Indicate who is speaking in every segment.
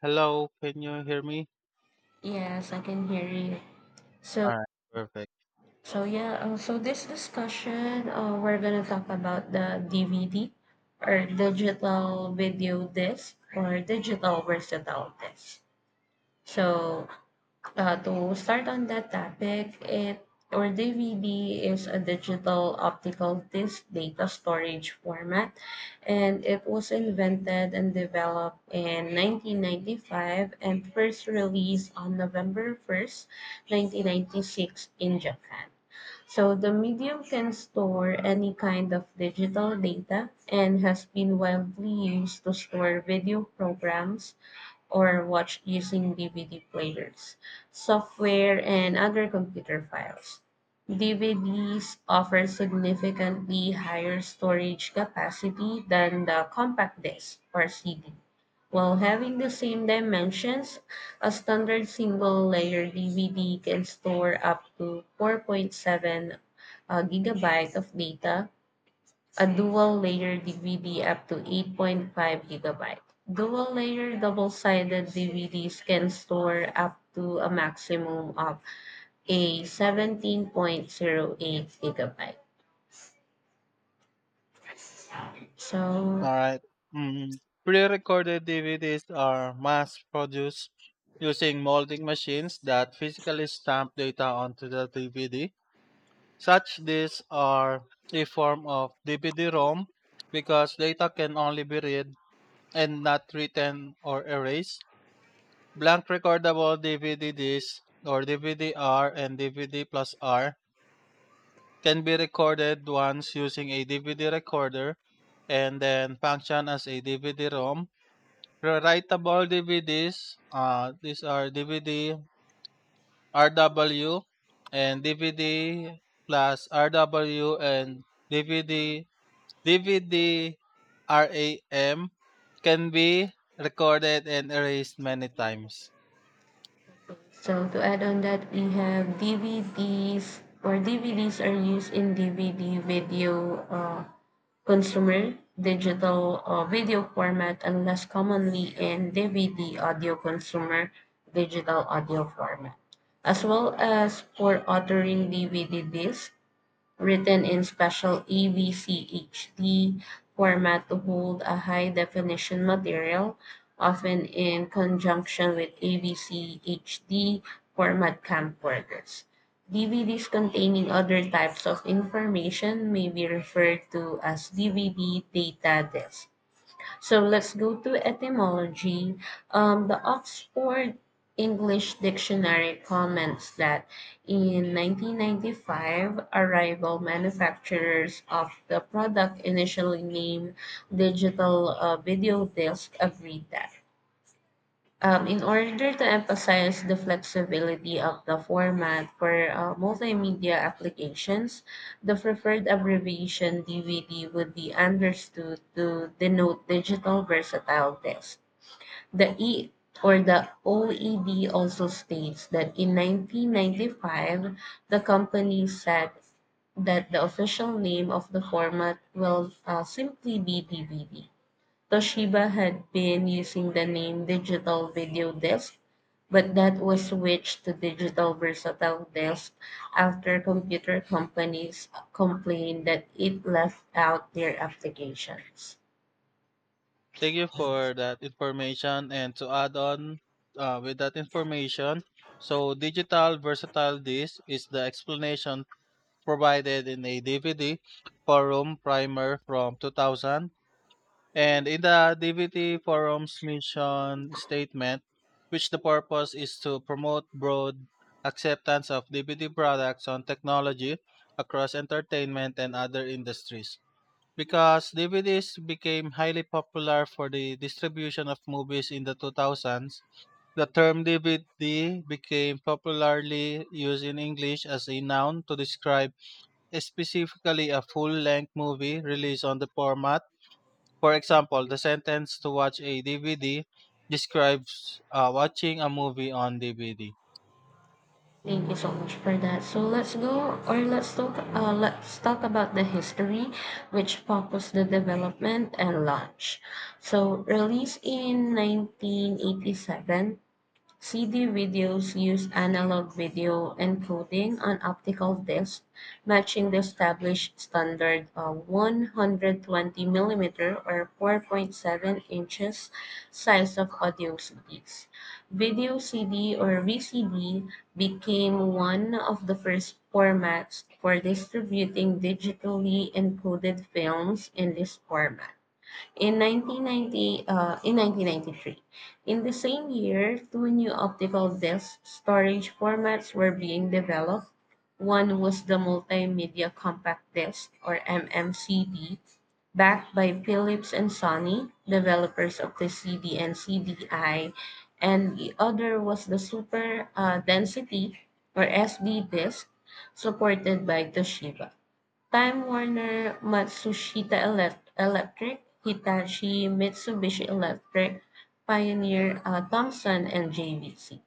Speaker 1: Hello, can you hear me?
Speaker 2: Yes, I can hear you. So,
Speaker 1: All right, perfect.
Speaker 2: so, yeah, so this discussion, we're gonna talk about the DVD or digital video disc or digital versatile disc. So, to start on that topic, it or DVD is a digital optical disc data storage format, and it was invented and developed in 1995 and first released on November 1st, 1996 in Japan. So the medium can store any kind of digital data and has been widely used to store video programs, or watched using DVD players, software, and other computer files. DVDs offer significantly higher storage capacity than the compact disc or CD, while having the same dimensions. A standard single layer DVD can store up to 4.7 gigabyte of data. A dual layer DVD up to 8.5 gigabyte. Dual layer double sided DVDs can store up to a maximum of a 17.08 gigabyte. So.
Speaker 1: All right. Mm, Pre-recorded DVDs are mass-produced using molding machines that physically stamp data onto the DVD. Such discs are a form of DVD-ROM because data can only be read and not written or erased. Blank recordable DVD discs or DVD-R and DVD plus R can be recorded once using a DVD recorder and then function as a DVD-ROM. Rewritable DVDs, these are DVD RW and DVD plus RW and DVD DVD RAM can be recorded and erased many times.
Speaker 2: So, to add on that, we have DVDs are used in DVD video, consumer digital, video format, and less commonly in DVD audio consumer digital audio format, as well as for authoring DVD disc written in special AVCHD format to hold a high-definition material, often in conjunction with AVCHD format camcorders. DVDs containing other types of information may be referred to as DVD data discs. So let's go to etymology. The Oxford English Dictionary comments that in 1995, arrival manufacturers of the product initially named digital video disc agreed that in order to emphasize the flexibility of the format for multimedia applications, the preferred abbreviation DVD would be understood to denote digital versatile disc. The E or the OED also states that in 1995, the company said that the official name of the format will simply be DVD. Toshiba had been using the name Digital Video Disc, but that was switched to Digital Versatile Disc after computer companies complained that it left out their applications.
Speaker 1: Thank you for that information. And to add on with that information, so digital versatile disk is the explanation provided in a DVD forum primer from 2000. And in the DVD forum's mission statement, which the purpose is to promote broad acceptance of DVD products on technology across entertainment and other industries. Because DVDs became highly popular for the distribution of movies in the 2000s, the term DVD became popularly used in English as a noun to describe specifically a full-length movie released on the format. For example, the sentence to watch a DVD describes watching a movie on DVD.
Speaker 2: Thank you so much for that. So let's go or let's talk about the history which focused the development and launch. So released in 1987, CD videos use analog video encoding on optical discs, matching the established standard 120 millimeter or 4.7 inches size of audio CDs. Video CD or VCD became one of the first formats for distributing digitally encoded films in this format. In 1993, in the same year, two new optical disc storage formats were being developed. One was the Multimedia Compact Disc, or MMCD, backed by Philips and Sony, developers of the CD and CDI, and the other was the Super, Density, or SD Disc, supported by Toshiba. Time Warner, Matsushita Electric, Hitachi, Mitsubishi Electric, Pioneer, Thomson, and JVC.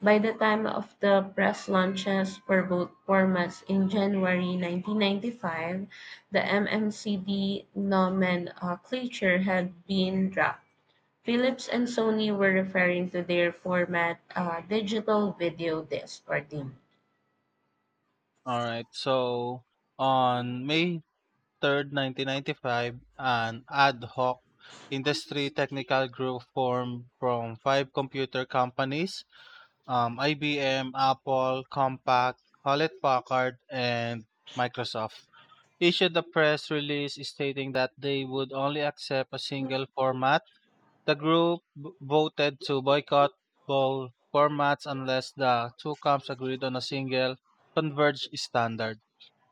Speaker 2: By the time of the press launches for both formats in January 1995, the MMCD nomenclature had been dropped. Philips and Sony were referring to their format digital video disc or DVD.
Speaker 1: All right. So on May 3rd, 1995, an ad hoc industry technical group formed from five computer companies IBM, Apple, Compaq, Hewlett Packard, and Microsoft, issued a press release stating that they would only accept a single format. The group voted to boycott both formats unless the two camps agreed on a single converged standard.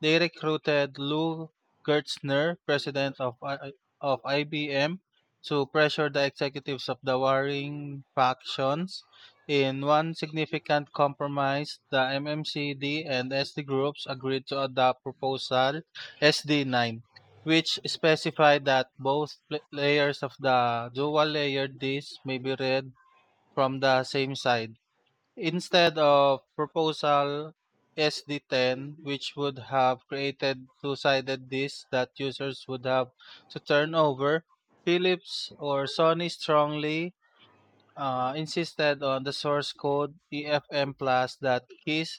Speaker 1: They recruited Lou Gertzner, president of IBM, to pressure the executives of the warring factions. In one significant compromise, the MMCD and SD groups agreed to adopt proposal SD9, which specify that both layers of the dual layered disk may be read from the same side, instead of proposal SD10, which would have created two sided disks that users would have to turn over. Philips or Sony strongly insisted on the source code EFM Plus that his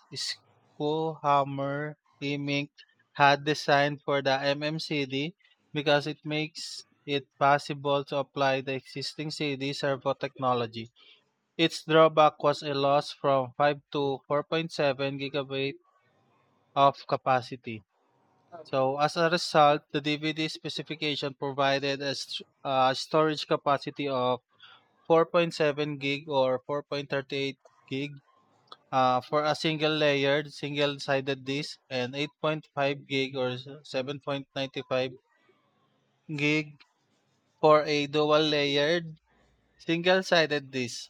Speaker 1: Schoolhammer Limick had designed for the MMCD because it makes it possible to apply the existing CD servo technology. Its drawback was a loss from 5 to 4.7 gigabyte of capacity. So as a result, the DVD specification provided a storage capacity of 4.7 gig or 4.38 gig for a single layered single sided disk and 8.5 gig or 7.95 gig for a dual layered single sided disk.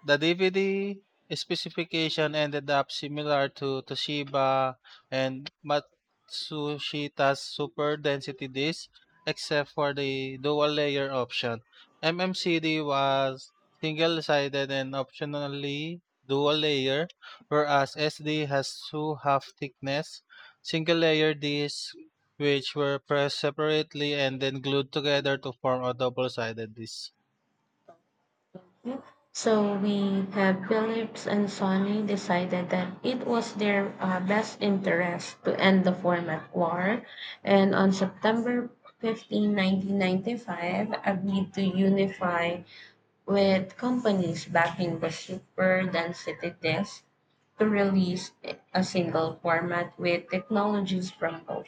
Speaker 1: The DVD specification ended up similar to Toshiba and Matsushita's Super Density disc, except for the dual layer option. MMCD was single sided and optionally dual layer, whereas SD has two half thickness single layer discs which were pressed separately and then glued together to form a double sided disc.
Speaker 2: So we have Phillips and Sony decided that it was their best interest to end the format war, and on September 15, 1995, agreed to unify with companies backing the super density disk to release a single format with technologies from both.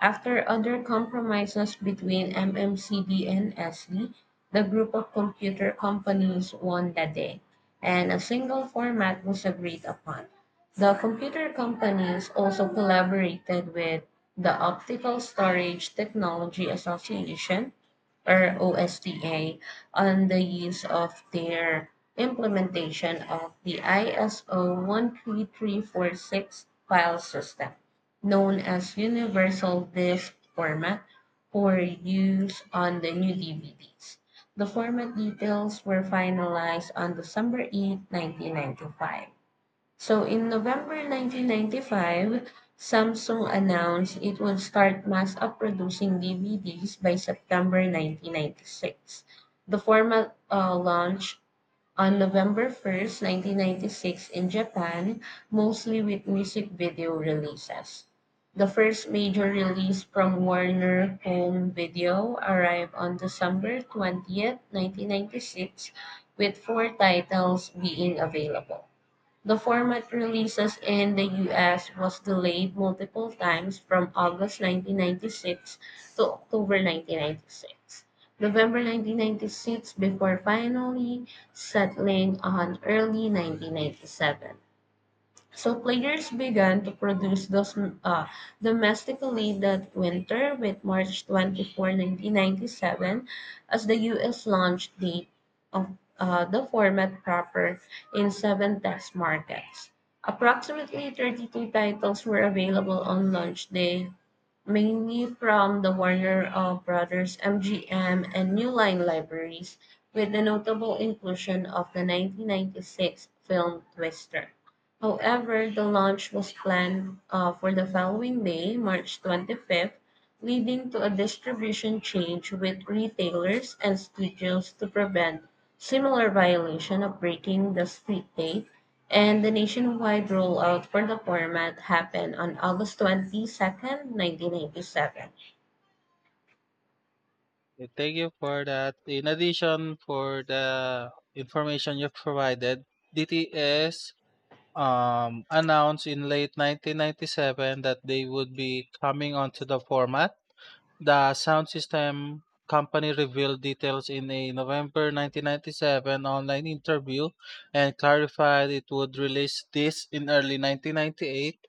Speaker 2: After other compromises between MMCD and SD, the group of computer companies won the day, and a single format was agreed upon. The computer companies also collaborated with the Optical Storage Technology Association, or OSTA, on the use of their implementation of the ISO 13346 file system, known as Universal Disk Format, for use on the new DVDs. The format details were finalized on December 8, 1995. So in November 1995, Samsung announced it would start mass producing DVDs by September 1996. The format launched on November 1st, 1996 in Japan, mostly with music video releases. The first major release from Warner Home Video arrived on December 20th, 1996, with four titles being available. The format releases in the US was delayed multiple times from August 1996 to October 1996, November 1996 before finally settling on early 1997. So players began to produce those domestically that winter, with March 24, 1997 as the US launched the of uh, the format proper in seven test markets. Approximately 32 titles were available on launch day, mainly from the Warner Brothers, MGM, and New Line libraries, with the notable inclusion of the 1996 film Twister. However, the launch was planned for the following day, March 25th, leading to a distribution change with retailers and studios to prevent similar violation of breaking the street date, and the nationwide rollout for the format happened on August 22nd, 1997.
Speaker 1: Thank you for that. In addition for the information you have provided, DTS announced in late 1997 that they would be coming onto the format. The sound system company revealed details in a November 1997 online interview and clarified it would release this in early 1998.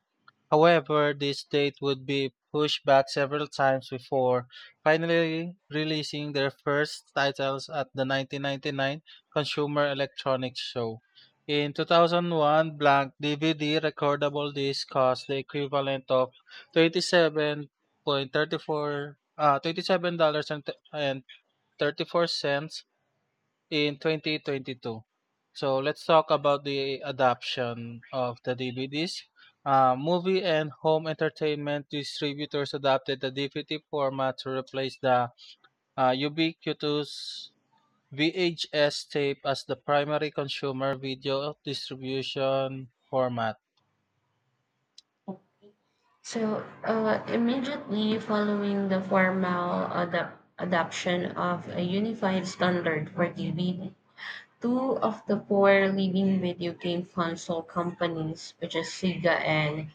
Speaker 1: However, this date would be pushed back several times before finally releasing their first titles at the 1999 Consumer Electronics Show. In 2001, blank DVD recordable disc cost the equivalent of 27.34 $27.34 in 2022. So let's talk about the adoption of the DVDs. Movie and home entertainment distributors adopted the DVD format to replace the ubiquitous VHS tape as the primary consumer video distribution format.
Speaker 2: So, immediately following the formal adoption of a unified standard for TV, two of the four leading video game console companies, which is Sega and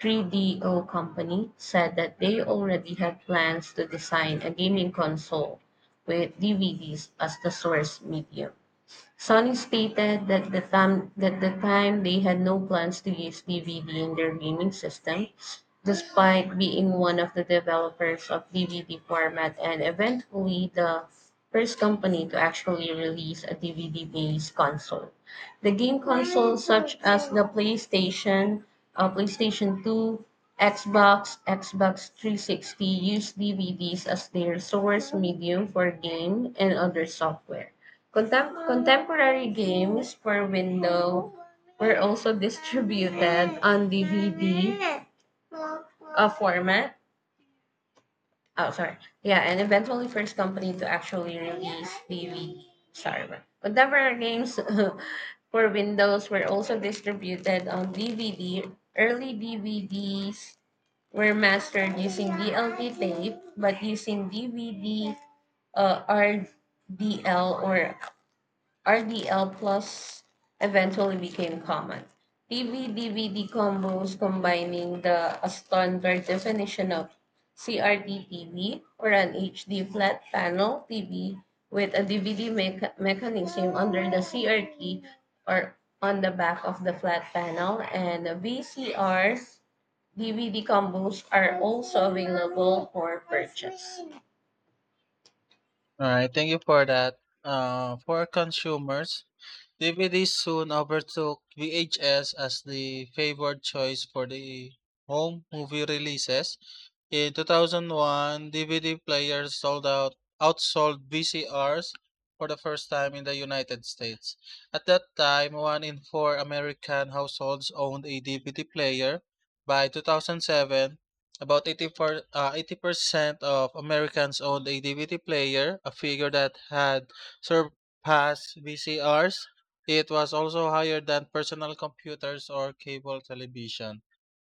Speaker 2: 3DO Company, said that they already had plans to design a gaming console with DVDs as the source medium. Sony stated that the time they had no plans to use DVD in their gaming system, despite being one of the developers of DVD format and eventually the first company to actually release a DVD-based console. The game consoles such as the PlayStation 2, Xbox, Xbox 360 used DVDs as their source medium for game and other software. Contemporary games for Windows were also distributed on DVD format. Oh, sorry. Yeah, and eventually first company to actually release DVD. Sorry, bro. Contemporary games for Windows were also distributed on DVD. Early DVDs were mastered using DLP tape, but using DVD, RDL or RDL Plus, eventually became common. TV DVD combos combining the a standard definition of CRT TV or an HD flat panel TV with a DVD mechanism under the CRT or on the back of the flat panel, and VCR DVD combos are also available for purchase.
Speaker 1: All right, thank you for that. For consumers, DVDs soon overtook VHS as the favored choice for the home movie releases. In 2001, DVD players sold out outsold VCRs for the first time in the United States. At that time, one in four American households owned a DVD player. By 2007, about 80% of Americans owned a DVD player, a figure that had surpassed VCRs. It was also higher than personal computers or cable television.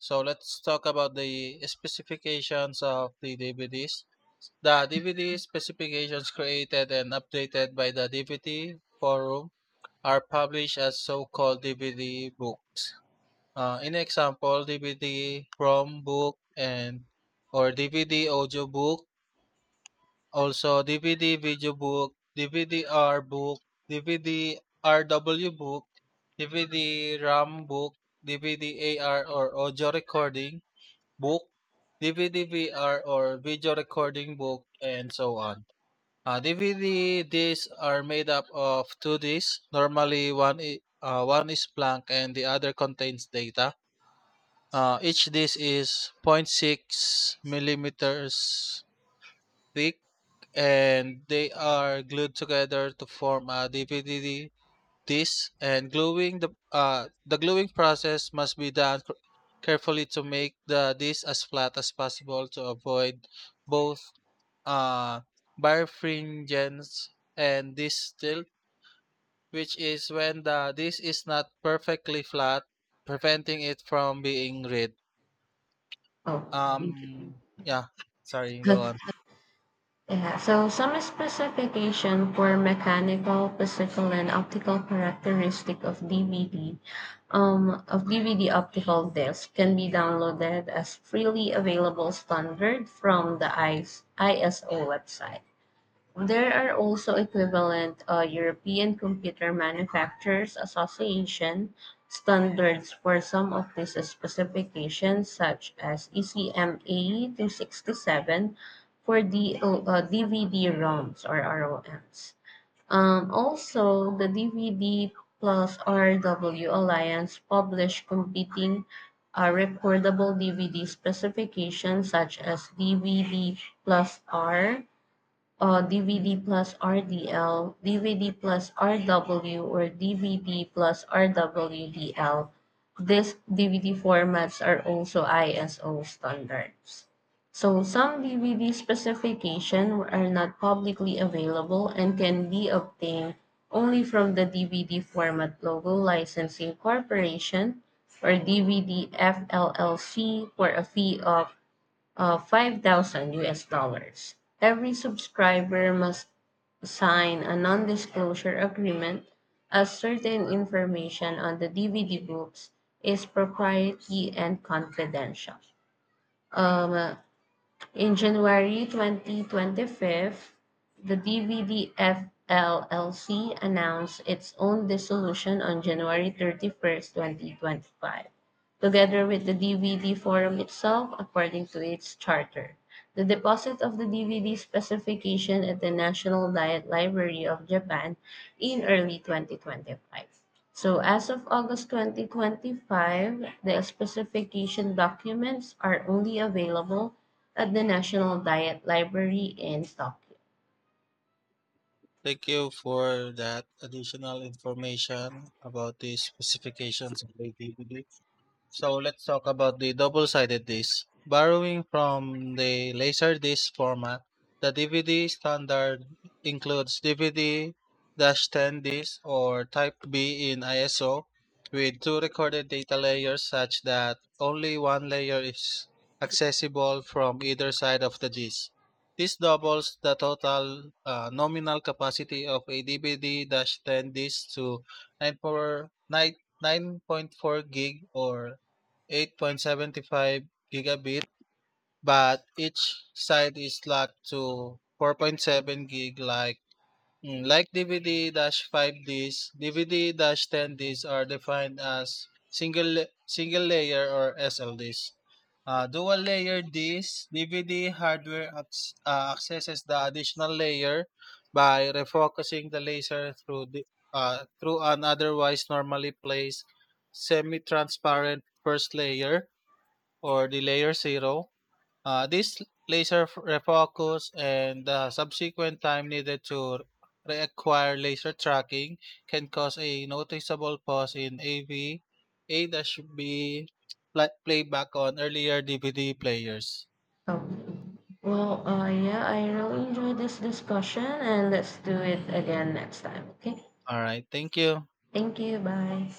Speaker 1: So let's talk about the specifications of the DVDs. The DVD specifications created and updated by the DVD forum are published as so-called DVD books. In example, DVD ROM book and or DVD audio book, also DVD video book, DVD-R book, DVD-RW book, DVD RAM book, DVD AR or audio recording, book, DVD VR or video recording book, and so on. DVD discs are made up of two discs. Normally, one is blank and the other contains data. Each disc is point six millimeters thick, and they are glued together to form a DVD this, and gluing the gluing process must be done carefully to make the disc as flat as possible to avoid both uh, birefringence and disc tilt, which is when the disc is not perfectly flat, preventing it from being read.
Speaker 2: Oh, thank you.
Speaker 1: Um, yeah, sorry, go on.
Speaker 2: Yeah, so some specification for mechanical, physical, and optical characteristic of DVD optical disc can be downloaded as freely available standard from the I S I S O website. There are also equivalent European Computer Manufacturers Association standards for some of these specifications, such as ECMA 267 for the DVD-ROMs or ROMs, or R O Ms. Also, the DVD plus RW Alliance published competing recordable DVD specifications, such as DVD plus R, DVD plus RDL, plus RW, or DVD plus RWDL. These DVD formats are also ISO standards. So some DVD specifications are not publicly available and can be obtained only from the DVD Format Logo Licensing Corporation, or DVD, for a fee of 5,000 US dollars. Every subscriber must sign a non disclosure agreement as certain information on the DVD books is proprietary and confidential. Um, uh, in January 2025, the DVDF announced its own dissolution on January 31st, 2025, together with the DVD Forum itself, according to its charter. The deposit of the DVD specification at the National Diet Library of Japan in early 2025. So as of August 2025, the specification documents are only available at the National Diet Library in Tokyo.
Speaker 1: Thank you for that additional information about the specifications of ATVD. So let's talk about the double-sided disc. Borrowing from the Laserdisc format, the DVD standard includes DVD-10 disc or Type B in ISO with two recorded data layers such that only one layer is accessible from either side of the disc. This doubles the total nominal capacity of a DVD-10 disc to 9.4 9.4 gig or 8.75 gigabit, but each side is locked to 4.7 gig like DVD-5 disks. DVD-10 disks are defined as single layer or SLDs. Dual layer disks, DVD hardware accesses the additional layer by refocusing the laser through an otherwise normally placed semi-transparent first layer or the layer 0. This laser refocus and the subsequent time needed to reacquire laser tracking can cause a noticeable pause in AV A-B playback on earlier DVD players.
Speaker 2: Okay. Well, yeah, I really enjoyed this discussion and let's do it again next time, okay?
Speaker 1: All right, thank you.
Speaker 2: Thank you, bye.